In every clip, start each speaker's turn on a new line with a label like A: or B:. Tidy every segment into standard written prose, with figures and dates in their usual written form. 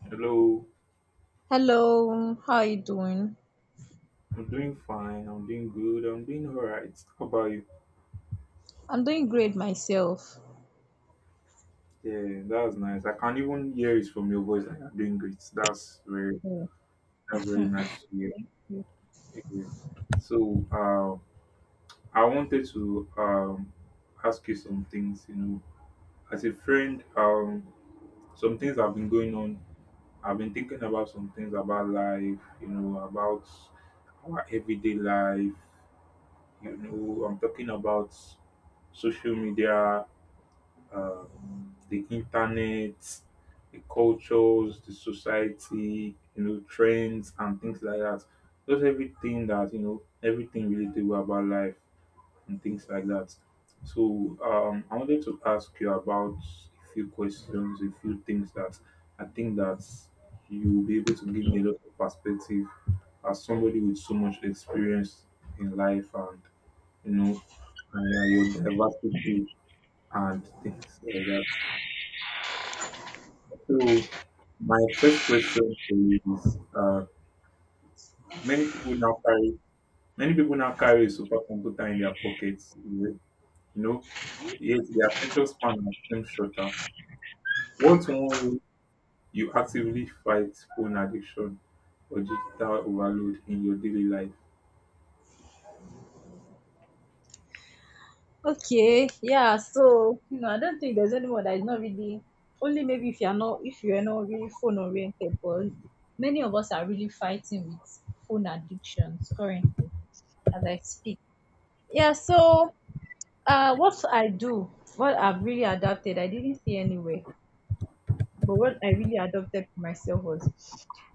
A: Hello,
B: Hello, how are you doing?
A: I'm doing fine. I'm doing good. I'm doing all right. How about you?
B: I'm doing great myself.
A: Yeah, that's nice. I can even hear it from your voice that you're doing great. That's very nice to hear. Yeah. So, uh, I wanted to ask you some things. You know, as a friend, some things have been going on. I've been thinking about some things about life. You know, about our everyday life. You know, I'm talking about social media, the internet, the cultures, the society, you know, trends and things like that. Just everything that, you know, everything relatable about life and things like that. So I wanted to ask you about a few questions, a few things that I think that you'll be able to give me a lot of perspective as somebody with so much experience in life and, you know, and, yeah, your diversity and things like that. So my first question is: many people now carry many people now carry a supercomputer in their pockets. You know, yet their attention span has seems shorter. What's one way you actively fight phone addiction or digital overload in your daily life?
B: Okay, yeah, so you know, I don't think there's anyone that is not really only maybe if you're not really phone oriented, but many of us are really fighting with phone addictions currently as I speak. Yeah, so what I do, what I've really adapted, I didn't see anywhere, but what I really adopted for myself was,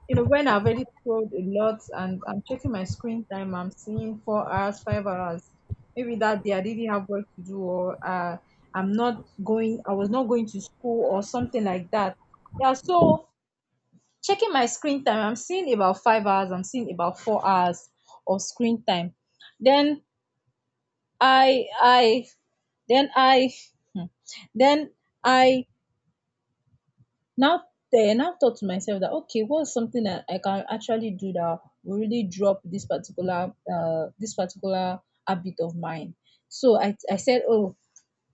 B: you know, when I've already scrolled a lot and I'm checking my screen time, I'm seeing 4 hours, 5 hours. Maybe that day I didn't have work to do, or I'm not going, I was not going to school, or something like that. Yeah, so checking my screen time, I'm seeing about 5 hours, I'm seeing about 4 hours of screen time. Then I, then I, hmm, then I now then I thought to myself that, okay, what's something that I can actually do that will really drop this particular habit of mine? So i said, oh,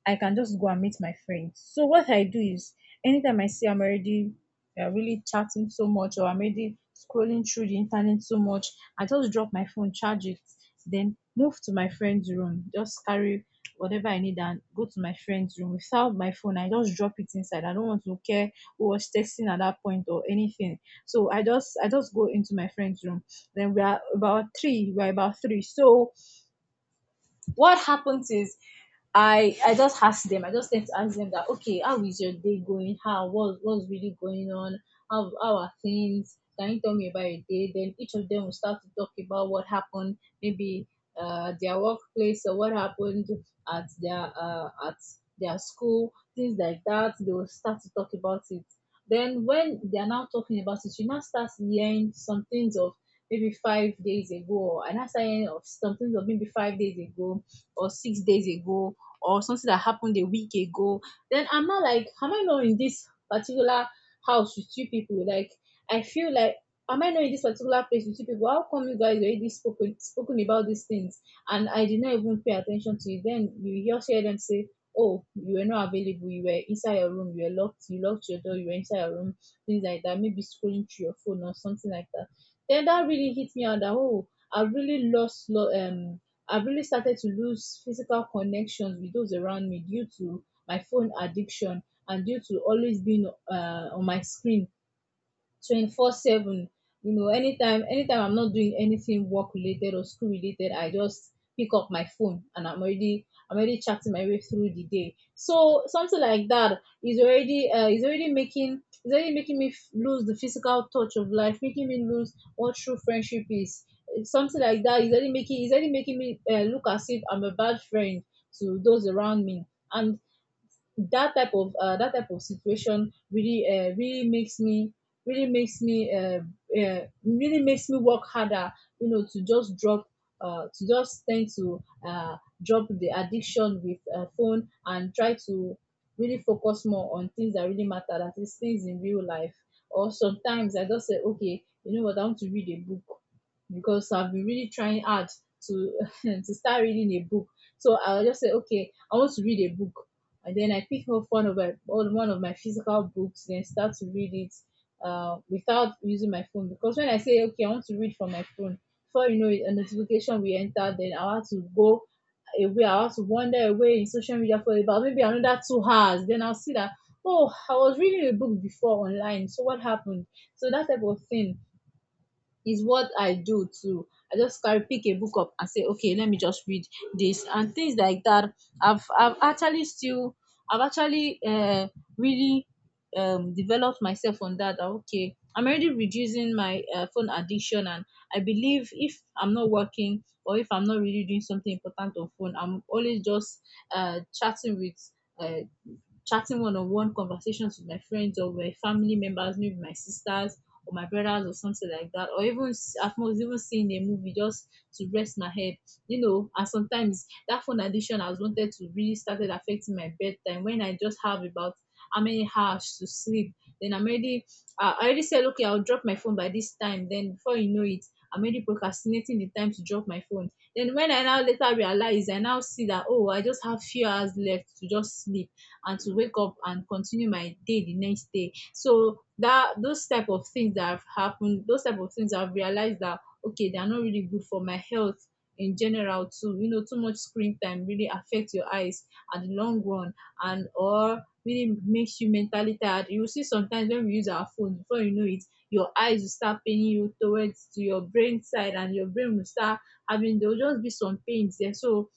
B: I can just go and meet my friends. So what I do is anytime I see I'm already really chatting so much or I'm already scrolling through the internet so much, I just drop my phone, charge it, then move to my friend's room. Just carry whatever I need and go to my friend's room without my phone. I just drop it inside. I don't want to care who was texting at that point or anything. So I just go into my friend's room. Then we are about three. So what happens is I just ask them. I just tend to ask them that, okay, how is your day going? How what what's really going on? How are things? Can you tell me about your day? Then each of them will start to talk about what happened, maybe their workplace or what happened at their school, things like that. They will start to talk about it. Then when they are now talking about it, you now start hearing some things of maybe 5 days ago, or I now start of some things of maybe 5 days ago or 6 days ago, or something that happened a week ago. Then I'm not like, am I not in this particular house with 2 people? Like, I feel like, am I not in this particular place with 2 people? How come you guys already spoken about these things and I did not even pay attention to it? Then you just hear them say, oh, you were not available, you were inside your room, you were locked, you locked your door, you were inside your room, things like that, maybe scrolling through your phone or something like that. Then that really hit me out that, oh, I really I've really started to lose physical connections with those around me due to my phone addiction and due to always being on my screen 24/7. You know, anytime I'm not doing anything work related or school related, I just pick up my phone and I'm already chatting my way through the day. So something like that is already is already making me lose the physical touch of life, making me lose what true friendship is. It's something like that is already making me look as if I'm a bad friend to those around me. And that type of situation really really makes me really makes me uh, really makes me work harder, you know, to just drop to just tend to drop the addiction with phone and try to really focus more on things that really matter, that is things in real life. Or sometimes I just say, okay, you know what, I want to read a book, because I've been really trying hard to to start reading a book. So I'll just say, okay, I want to read a book. And then I pick up one of my physical books, then start to read it without using my phone. Because when I say, okay, I want to read from my phone, before you know it, a notification will enter. Then I have to go away. I have to wander away in social media for about maybe another 2 hours. Then I'll see that, oh, I was reading a book before online. So what happened? So that type of thing is what I do too. I just carry pick a book up and say, okay, let me just read this, and things like that. I've actually still I've actually really developed myself on that. Okay, I'm already reducing my phone addiction, and I believe if I'm not working or if I'm not really doing something important on phone, I'm always just uh, chatting with uh, chatting one on one conversations with my friends or with family members, maybe my sisters or my brothers or something like that, or even at most even seeing a movie just to rest my head. You know, and sometimes that phone addiction has wanted to really started affecting my bedtime when I just have about how many hours to sleep. Then I'm already I already said, okay, I'll drop my phone by this time. Then before you know it, I'm already procrastinating the time to drop my phone. Then when I now later realize, I now see that, oh, I just have few hours left to just sleep and to wake up and continue my day the next day. So that those type of things that have happened, those type of things I've realized that, okay, they are not really good for my health in general too. You know, too much screen time really affects your eyes at the long run and or really makes you mentally tired. You will see sometimes when we use our phone, before you know it, your eyes will start paining you towards to your brain side, and your brain will start having there will just be some pains there. So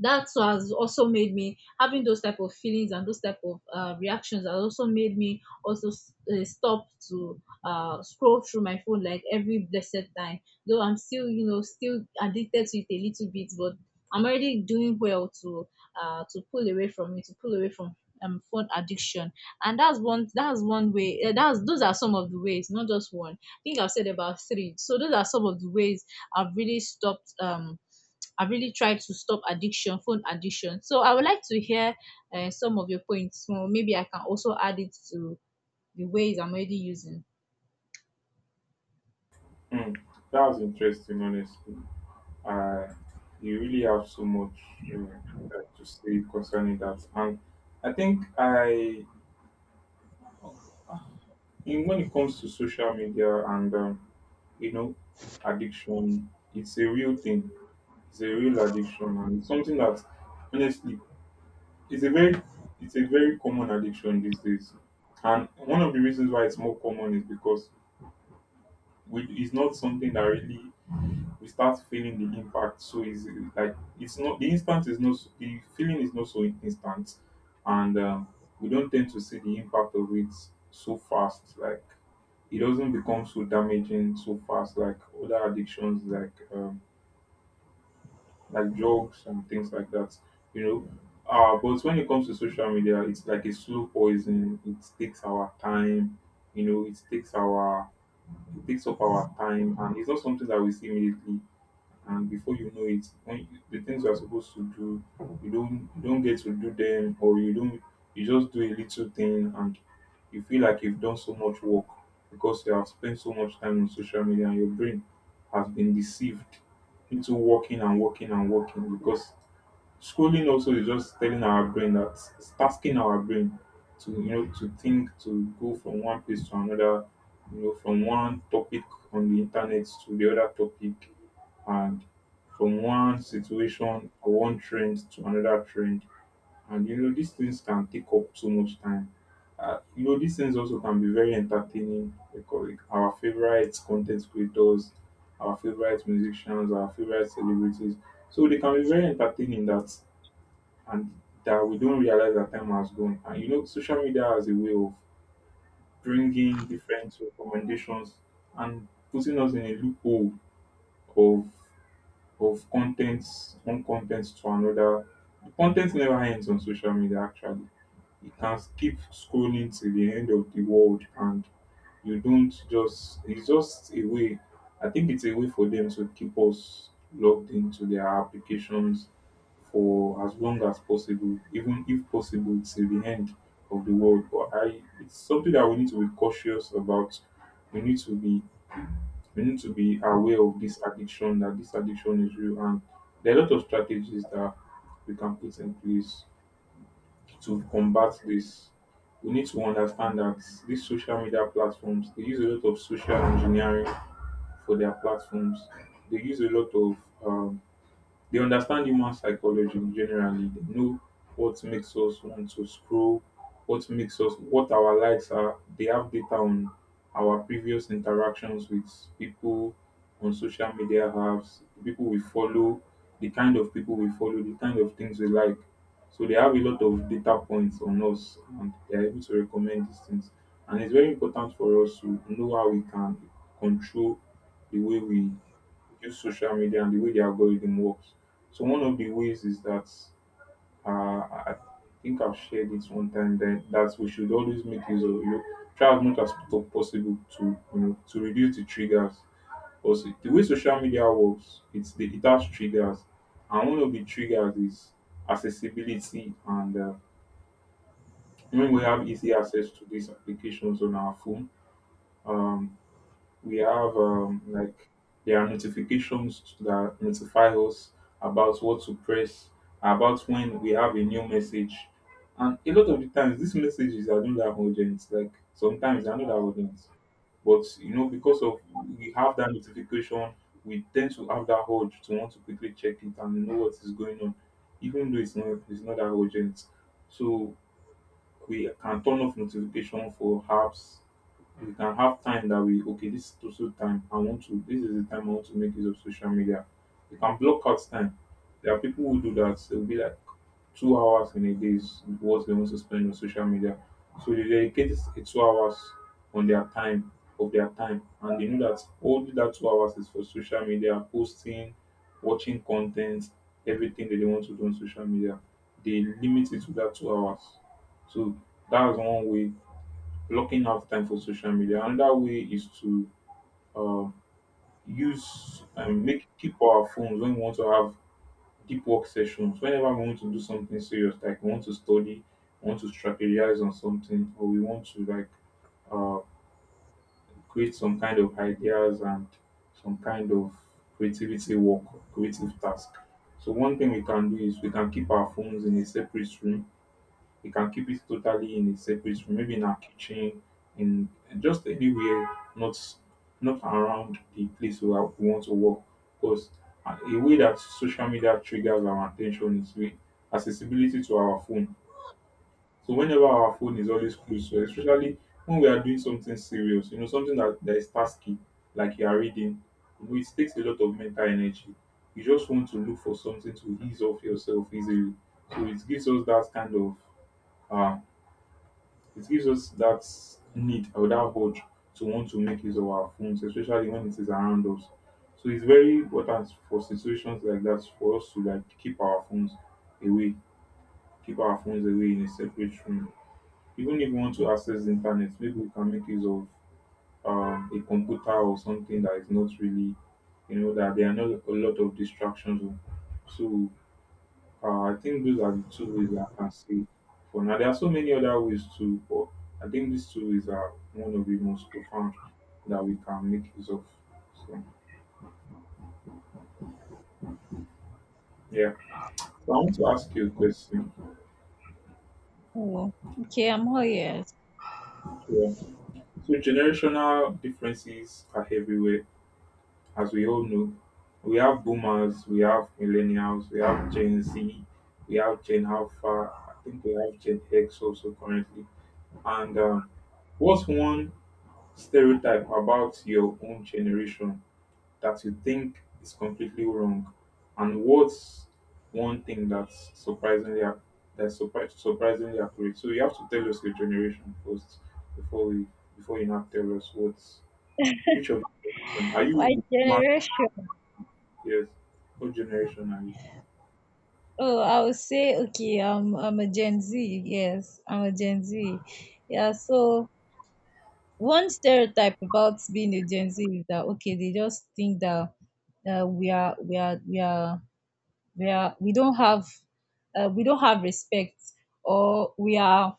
B: that what has also made me having those type of feelings and those type of reactions has also made me also stop to scroll through my phone like every blessed time, though I'm still, you know, still addicted to it a little bit, but I'm already doing well to pull away from it, to pull away from phone addiction. And that's one way, that's those are some of the ways, not just one. I think I've said about three, so those are some of the ways I've really stopped. I've really tried to stop addiction, phone addiction. So I would like to hear some of your points, so maybe I can also add it to the ways I'm already using.
A: Hmm, that was interesting, honestly. Uh, you really have so much uh, that to say concerning that, and I think I in when it comes to social media and you know, addiction, it's a real thing. It's a real addiction, and it's something that, honestly, it's a very it's a very common addiction these days. And one of the reasons why it's more common is because we, it's not something that really we start feeling the impact. So it's like it's not the instant, is not the feeling, is not so instant, and we don't tend to see the impact of it so fast. Like, it doesn't become so damaging so fast like other addictions like, like drugs and things like that. You know. But when it comes to social media, it's like a slow poison. It takes our time, you know. It takes up our time, and it's not something that we see immediately. And before you know it, when the things you are supposed to do, you don't, you don't get to do them, or you don't, you just do a little thing and you feel like you've done so much work because you have spent so much time on social media and your brain has been deceived into working and working and working because scrolling also is just telling our brain that, it's tasking our brain to, you know, to think, to go from one place to another, you know, from one topic on the internet to the other topic, and from one situation or one trend to another trend. And you know, these things can take up so much time. You know, these things also can be very entertaining because, like, our favorite content creators, our favorite musicians, our favorite celebrities. So they can be very entertaining, that, and that we don't realize that time has gone. And you know, social media has a way of bringing different recommendations and putting us in a loophole of of contents, one content to another. The content never ends on social media. Actually, you can keep scrolling till the end of the world, and you don't, just, it's just a way, I think it's a way for them to keep us logged into their applications for as long as possible, even if possible till the end of the world. But I, it's something that we need to be cautious about. we need to be we need to be aware of this addiction, that this addiction is real, and there are a lot of strategies that we can put in place to combat this. We need to understand that these social media platforms, they use a lot of social engineering for their platforms. They use a lot of um, they understand human psychology generally. They know what makes us want to scroll, what our likes are. They have data on our previous interactions with people on social media apps, the people we follow, the kind of people we follow, the kind of things we like. So they have a lot of data points on us, and they're able to recommend these things. And it's very important for us to know how we can control the way we use social media and the way the algorithm works. So one of the ways is that, uh, I I think I've shared it one time that we should always make use of, you know, try as much as possible to, you know, to reduce the triggers. Because the way social media works, it has triggers, and one of the triggers is accessibility. And when we have easy access to these applications on our phone, um, we have, like, there are notifications that notify us about what to press, about when we have a new message. And a lot of the times these messages are not that urgent. Like, sometimes they are not that urgent. But you know, because of we have that notification, we tend to have that urge to want to quickly check it and know what is going on, even though it's not that urgent. So we can turn off notification for apps. You can have time that we, okay, this is social time, I want to this is the time I want to make use of social media. You can block out time. There are people who do that. They'll be like, 2 hours in a day is what they want to spend on social media. So they dedicate a 2 hours on their time, and they know that only that 2 hours is for social media posting, watching content, everything that they want to do on social media. They limit it to that 2 hours. So that's one way, blocking out time for social media. Another way is to, um, use and make keep our phones when we want to have deep work sessions. Whenever we want to do something serious, like we want to study, we want to strategize on something, or we want to, like, uh, create some kind of ideas and some kind of creativity work, creative task. So one thing we can do is we can keep our phones in a separate room. You can keep it totally in a separate room, maybe in our kitchen, in, just anywhere, not, not around the place where we want to work. Because a way that social media triggers our attention is with accessibility to our phone. So whenever our phone is always close to us, especially when we are doing something serious, you know, something that, that is tasky, like you are reading, you know, it takes a lot of mental energy. You just want to look for something to ease off yourself easily. So it gives us that kind of, uh, it gives us that need or that urge to want to make use of our phones, especially when it is around us. So it's very important for situations like that for us to, like, keep our phones away, keep our phones away in a separate room. Even if we want to access the internet, maybe we can make use of, a computer or something that is not really, you know, that there are not a lot of distractions on. So, I think those are the two ways I can see for now. There are so many other ways too, but I think these two ways are one of the most profound that we can make use of. So, yeah. So I want to ask you a question.
B: Oh, okay, I'm all ears.
A: Yeah. So generational differences are everywhere, as we all know. We have boomers, we have millennials, we have Gen Z, we have Gen Alpha. I think we have Gen X also currently. And what's one stereotype about your own generation that you think is completely wrong, and what's one thing that's surprisingly that's surprisingly accurate? So you have to tell us your generation first before we, before you now tell us what's, which of, are
B: My
A: you, Mark?
B: generation.
A: Yes, what generation are you?
B: Oh, I would say, okay, I'm a Gen Z. Yes, I'm a Gen Z. Yeah. So one stereotype about being a Gen Z is that, okay, they just think that we are we are we are we are we don't have respect, or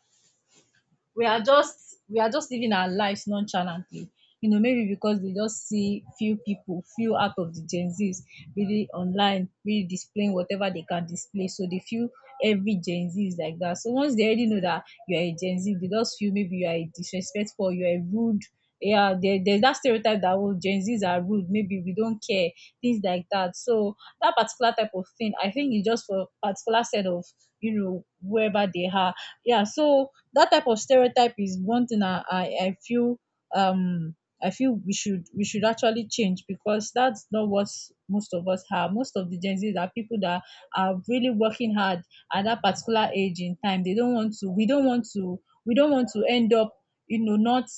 B: we are just living our lives nonchalantly, you know, maybe because they just see few people, few out of the gen z's, really online, really displaying whatever they can display, so they feel every gen z is like that. So once they already know that you're a gen z, they just feel maybe you are a disrespectful, you're a rude. Yeah, there's that stereotype that, oh, gen z's are rude, maybe we don't care, things like that. So that particular type of thing I think is just for particular set of, you know, wherever they are. Yeah, so that type of stereotype is one thing I feel, um I feel we should actually change, because that's not what most of us have. Most of the Gen Zs are people that are really working hard at that particular age in time. They don't want to, we don't want to end up, you know, not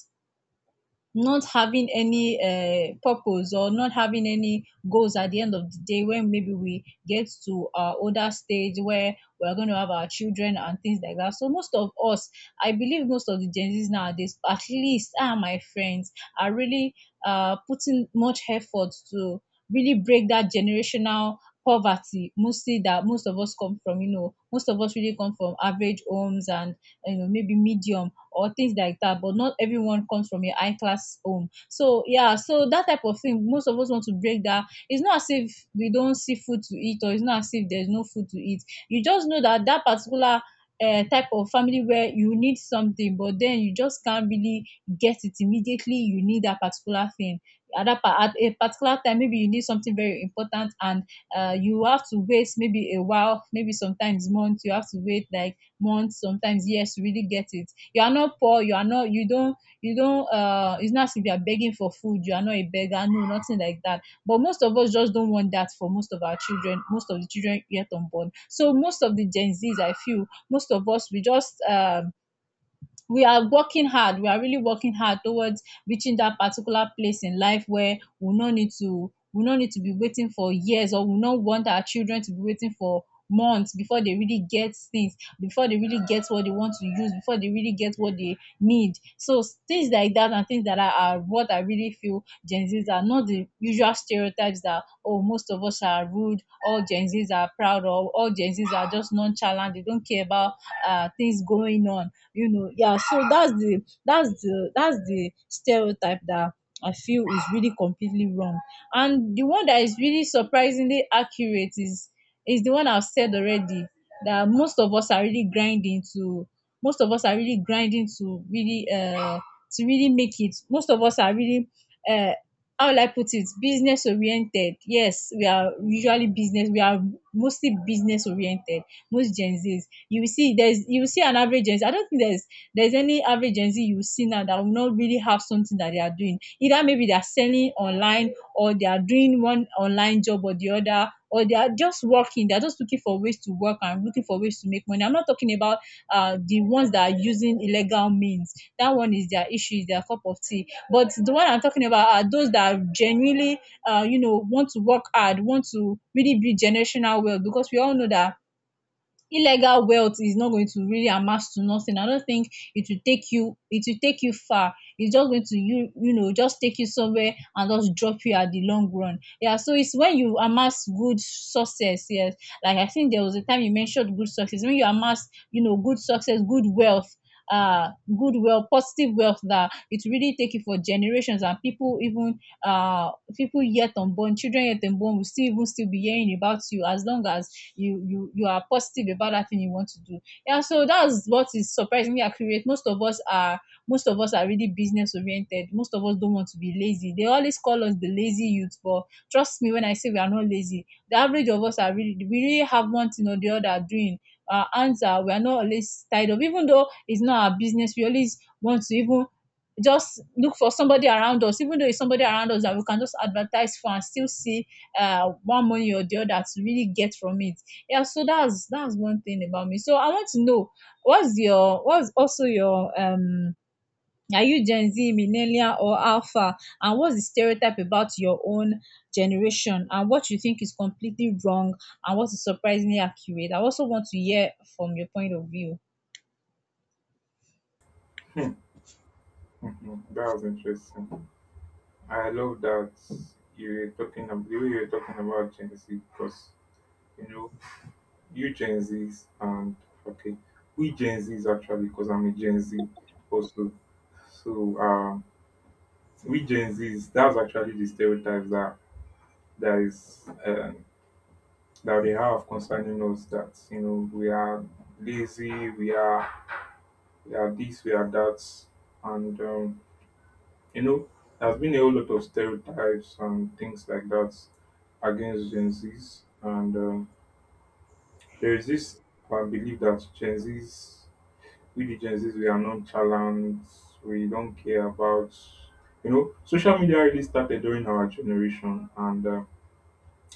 B: having any purpose or not having any goals at the end of the day, when maybe we get to our older stage where we're going to have our children and things like that. So most of us, I believe most of the Gen Zs nowadays, at least are my friends, are really putting much effort to really break that generational poverty. Mostly that most of us come from, you know, most of us really come from average homes and, you know, maybe medium or things like that, but not everyone comes from a high class home. So yeah, so that type of thing, most of us want to break that. It's not as if we don't see food to eat, or it's not as if there's no food to eat. You just know that that particular type of family where you need something, but then you just can't really get it immediately. You need that particular thing at a particular time. Maybe you need something very important, and you have to wait maybe a while, maybe sometimes months. You have to wait like months, sometimes years to really get it. You are not poor, you are not, you don't, you don't. It's not as if you are begging for food. You are not a beggar, no, nothing like that. But most of us just don't want that for most of our children, most of the children yet unborn. So most of the Gen Z's, I feel, most of us, we just. We are working hard, we are really working hard towards reaching that particular place in life where we no need to, we no need to be waiting for years, or we no want our children to be waiting for months before they really get things, before they really get what they want to use, before they really get what they need. So things like that, and things that are what I really feel. Gen Z's are not the usual stereotypes that, oh, most of us are rude, all Gen Z's are proud, or all Gen Z's are just nonchalant, they don't care about things going on, you know. Yeah, so that's the stereotype that I feel is really completely wrong. And the one that is really surprisingly accurate is the one I've said already, that most of us are really grinding to, most of us are really grinding to really make it. Most of us are really uh how will I put it? Business oriented. Yes, we are usually business. We are mostly business oriented. Most Gen Zs you will see, there's you will see an average Gen Z. I don't think there's any average Gen Z you will see now that will not really have something that they are doing. Either maybe they are selling online, or they are doing one online job or the other, or they are just working. They are just looking for ways to work and looking for ways to make money. I'm not talking about the ones that are using illegal means. That one is their issue, is their cup of tea. But the one I'm talking about are those that are genuinely, you know, want to work hard, want to really be generational wealth. Because we all know that illegal wealth is not going to really amass to nothing. I don't think it will take you far. It's just going to, you know, just take you somewhere and just drop you at the long run. Yeah, so it's when you amass good success. Yes, like I think there was a time you mentioned good success, when you amass, you know, good success, good wealth, good wealth, positive wealth, that it really take you for generations, and people even uh people yet unborn, children yet unborn will still even still be hearing about you as long as you are positive about that thing you want to do. Yeah, so that's what is surprisingly accurate. Most of us are, most of us are really business oriented. Most of us don't want to be lazy. They always call us the lazy youth, but trust me when I say we are not lazy. The average of us are really, we really have one thing or the other doing. Our hands are, we are not always tied up. Even though it's not our business, we always want to even just look for somebody around us, even though it's somebody around us that we can just advertise for and still see one money or the other to really get from it. Yeah, so that's one thing about me. So I want to know, what's also your are you Gen Z, millennial or alpha, and what's the stereotype about your own generation and what you think is completely wrong, and what is surprisingly accurate? I also want to hear from your point of view.
A: Mhm. That was interesting. I love that. You were talking about the way you were talking about Gen Z, because, you know, you Gen Zs and okay, we Gen Zs actually, because I'm a Gen Z also. So we Gen Zs, that's actually the stereotypes that is, that they have concerning us. That you know we are lazy, we are this, we are that, and you know there's been a whole lot of stereotypes and things like that against Gen Zs, and there is this I believe that Gen Zs we the Gen Zs, we are nonchalant, we don't care about, social media really started during our generation. And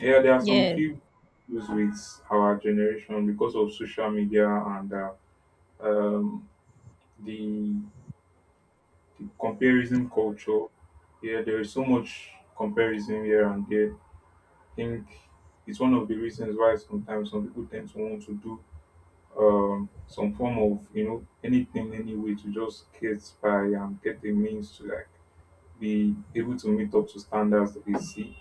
A: Yeah, there are some
B: Yes.
A: few issues with our generation because of social media and um, the, the comparison culture. Yeah, there is so much comparison here and there. I think it's one of the reasons why sometimes some people tend to want to do some form of anything any way to just get by and get a means to like be able to meet up to standards that they see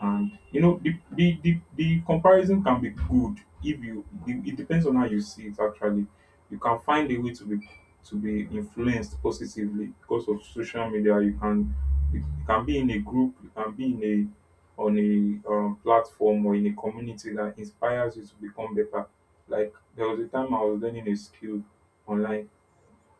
A: and you know the comparison can be good if you it depends on how you see it actually. You can find a way to be influenced positively because of social media. You can be in a group, you can be in a on a platform or in a community that inspires you to become better. Like there was a time I was learning a skill online.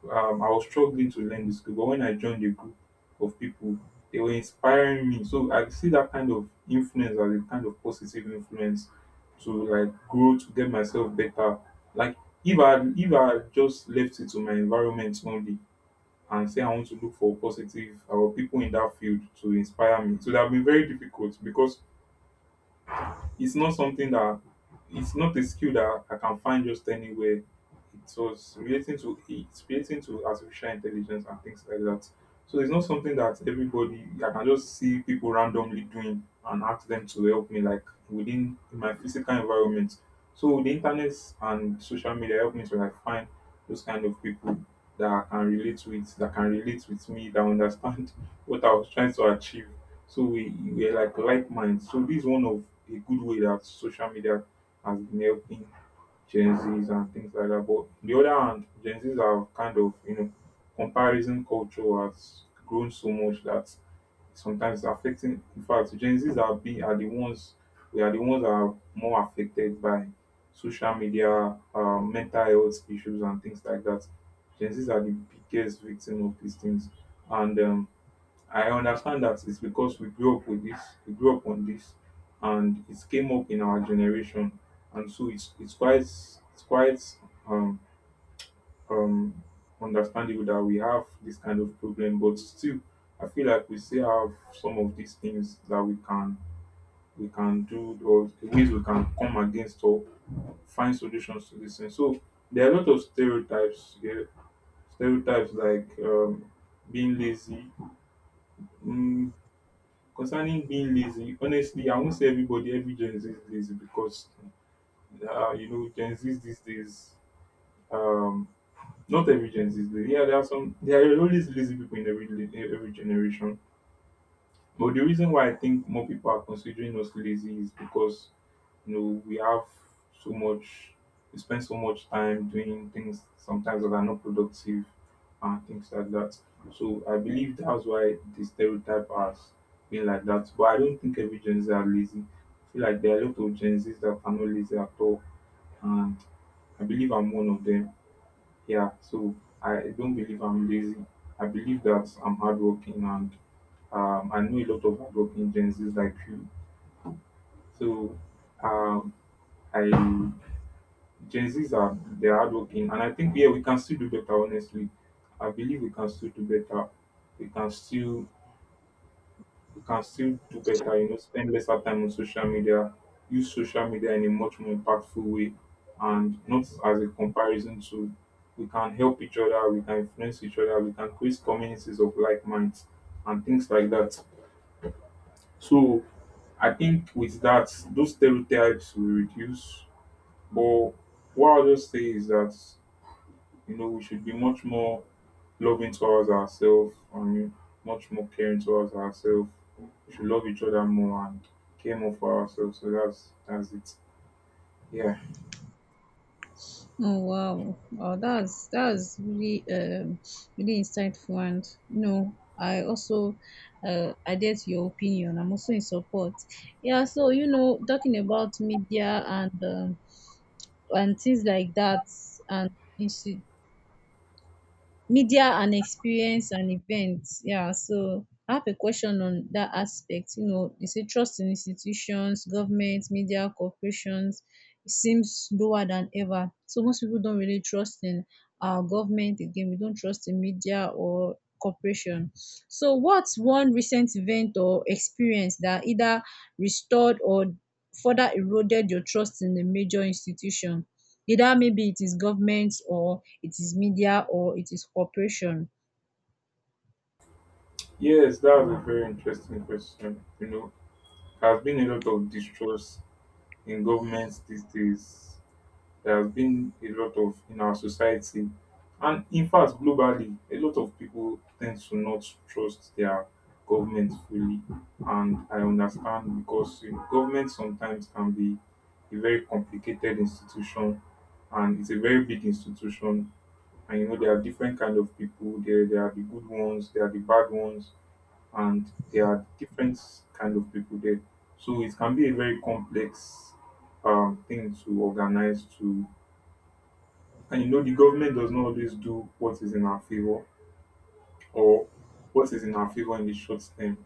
A: I was struggling to learn the skill, but when I joined a group of people, they were inspiring me. So I see that kind of influence as a kind of positive influence to like grow to get myself better. Like if I had just left it to my environment only and say I want to look for positive or people in that field to inspire me, it would have been very difficult because it's not something that it's not a skill that I can find just anywhere. It was relating to it's relating to artificial intelligence and things like that. So it's not something that everybody I can just see people randomly doing and ask them to help me like within my physical environment. So the internet and social media help me to like find those kind of people that I can relate with, that can relate with me, that understand what I was trying to achieve. So we're like minds. So this is one of a good way that social media has been helping Gen Zs and things like that. But on the other hand, Gen Zs are kind of comparison culture has grown so much that sometimes it's affecting. In fact, Gen Zs are being are the ones we are the ones that are more affected by social media, mental health issues and things like that. Gen Zs are the biggest victim of these things, and I understand that it's because we grew up with this, we grew up on this, and it came up in our generation, and so it's quite it's quite um um understandable that we have this kind of problem. But still, I feel like we still have some of these things that we can do or ways we can come against or find solutions to this thing. So there are a lot of stereotypes here, stereotypes like being lazy, mm. Concerning being lazy, honestly, I won't say everybody, every Gen Z is lazy because, you know, Gen Z these days, um, not every Gen Z is lazy. Yeah, there are some, there are always lazy people in every generation. But the reason why I think more people are considering us lazy is because you know we have so much we spend so much time doing things sometimes that are not productive and things like that. So I believe that's why the stereotype has been like that. But I don't think every Gen Z are lazy. I feel like there are a lot of Gen Zs that are not lazy at all and I believe I'm one of them. Yeah. So I don't believe I'm lazy. I believe that I'm hardworking and I know a lot of hardworking Gen Zs like you. So um, I Gen Zs are they're hardworking, and I think yeah we can still do better. Honestly, I believe we can still do better. We can still we can still do better. You know, spend lesser time on social media, use social media in a much more impactful way, and not as a comparison to. We can help each other. We can influence each other. We can create communities of like minds and things like that. So I think with that, those stereotypes will reduce. But what I'll just say is that, you know, we should be much more loving towards ourselves and much more caring towards ourselves. We should love each other more and care more for ourselves. So that's it. Yeah.
B: Oh wow. Oh, that's really really insightful, and you know, I also adhere to your opinion. I'm also in support. Yeah, so you know, talking about media and things like that, and insti- media and experience and events. Yeah, so I have a question on that aspect. You know, you say trust in institutions, government, media, corporations, it seems lower than ever. So most people don't really trust in our government again. We don't trust in media or corporation. So what's one recent event or experience that either restored or further eroded your trust in a major institution? Either maybe it is government, or it is media, or it is corporation.
A: Yes, that was a very interesting question. You know, there's been a lot of distrust in governments these days. There has been a lot of in our society, and in fact, globally, a lot of people tend to not trust their government fully. And I understand because you know, government sometimes can be a very complicated institution and it's a very big institution and you know there are different kind of people there there are the good ones there are the bad ones and there are different kind of people there so it can be a very complex thing to organize to and you know, the government does not always do what is in our favor or what is in our favor in the short term.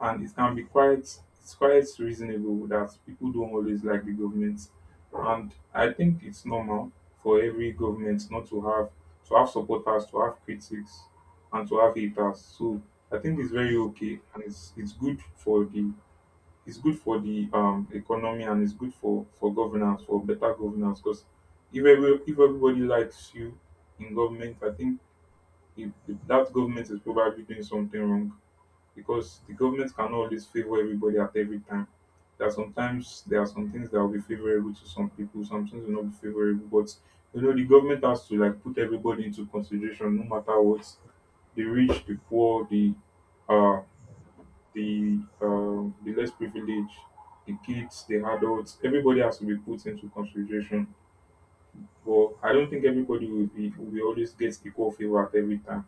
A: And it can be quite it's quite reasonable that people don't always like the government. And I think it's normal for every government not to have to have supporters, to have critics and to have haters. So I think it's very okay and it's good for the it's good for the economy and it's good for governance for better governance because if every, if everybody likes you in government I think if that government is probably doing something wrong because the government cannot always favor everybody at every time there are sometimes there are some things that will be favorable to some people some things will not be favorable but you know the government has to like put everybody into consideration no matter what the rich the poor the uh the less privileged, the kids, the adults, everybody has to be put into consideration. But I don't think everybody will be will always get equal favor at every time.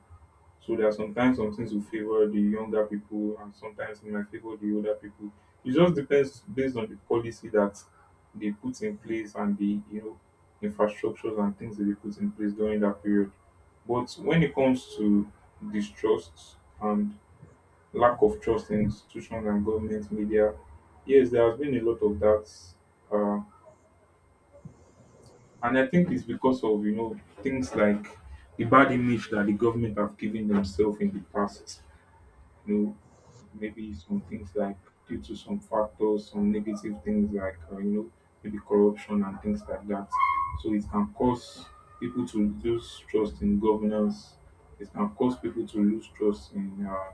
A: So there are sometimes some things will favor the younger people and sometimes it might favor the older people. It just depends based on the policy that they put in place and the you know infrastructures and things that they put in place during that period. But when it comes to distrust and lack of trust in institutions and government media. Yes, there has been a lot of that, uh, and I think it's because of you know things like the bad image that the government have given themselves in the past. You know, maybe some things like due to some factors, some negative things like you know maybe corruption and things like that. So it can cause people to lose trust in governance. It can cause people to lose trust in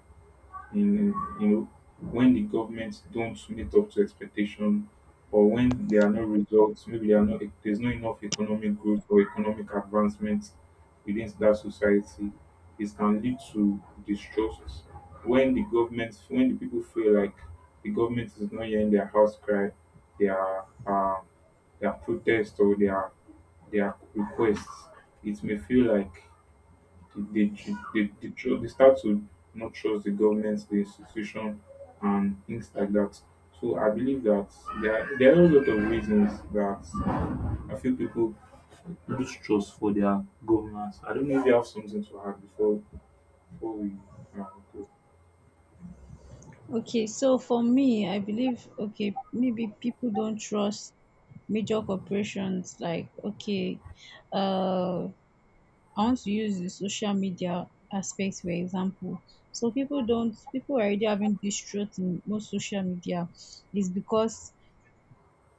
A: in you know when the government don't meet up to expectation or when there are no results maybe there are no there's not enough economic growth or economic advancement within that society it can lead to distrust when the government when the people feel like the government is not hearing their house cry their um their protest or their requests it may feel like they, they, they start to not trust the government, the institution, and things like that. So I believe that there are a lot of reasons that I feel people lose trust for their governments. I don't know if you have something to add before before we uh, go.
B: Okay, so for me, I believe, okay, maybe people don't trust major corporations. Like, okay, uh I want to use the social media aspect for example. So people don't, people are already having distrust in most social media, is because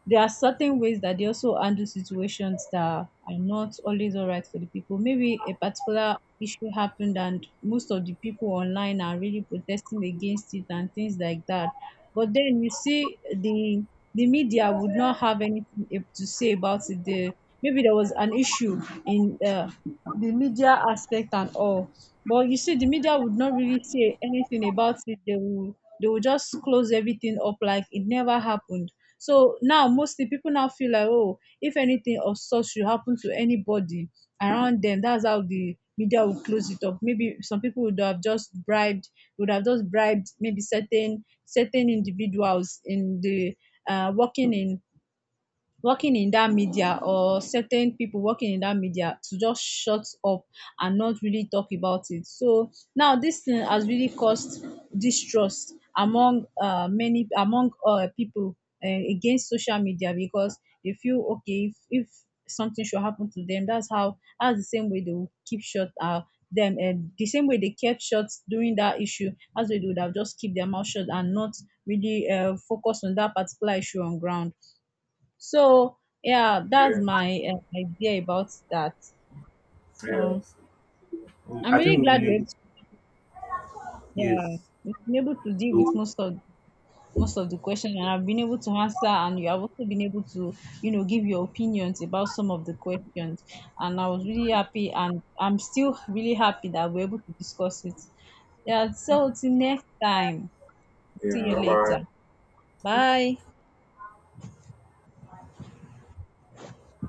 B: there are certain ways that they also handle situations that are not always all right for the people. Maybe a particular issue happened and most of the people online are really protesting against it and things like that. But then you see the media would not have anything to say about it. The, maybe there was an issue in, the media aspect and all. But you see, the media would not really say anything about it. They will just close everything up like it never happened. So now, mostly people now feel like, oh, if anything of such should happen to anybody around them, that's how the media will close it up. Maybe some people would have just bribed maybe certain individuals in the working in, working in that media, or certain people working in that media to just shut up and not really talk about it. So now this thing has really caused distrust among many, among people, against social media because they feel, okay, if something should happen to them, that's how, that's the same way they will keep shut, them, and the same way they kept shut during that issue, as they would have just keep their mouth shut and not really focus on that particular issue on ground. So yeah, that's
A: Yeah,
B: my idea about that.
A: yeah.
B: So I'm
A: I
B: really
A: think we've
B: glad
A: been able
B: we,
A: to.
B: yeah,
A: Yes.
B: we've been able to deal with
A: So
B: most of, most of the questions, and I've been able to answer, and you have also been able to, you know, give your opinions about some of the questions, and I was really happy, and I'm still really happy that we're able to discuss it. Yeah, so till next time, see
A: yeah,
B: you
A: bye
B: later.
A: bye.
B: Bye.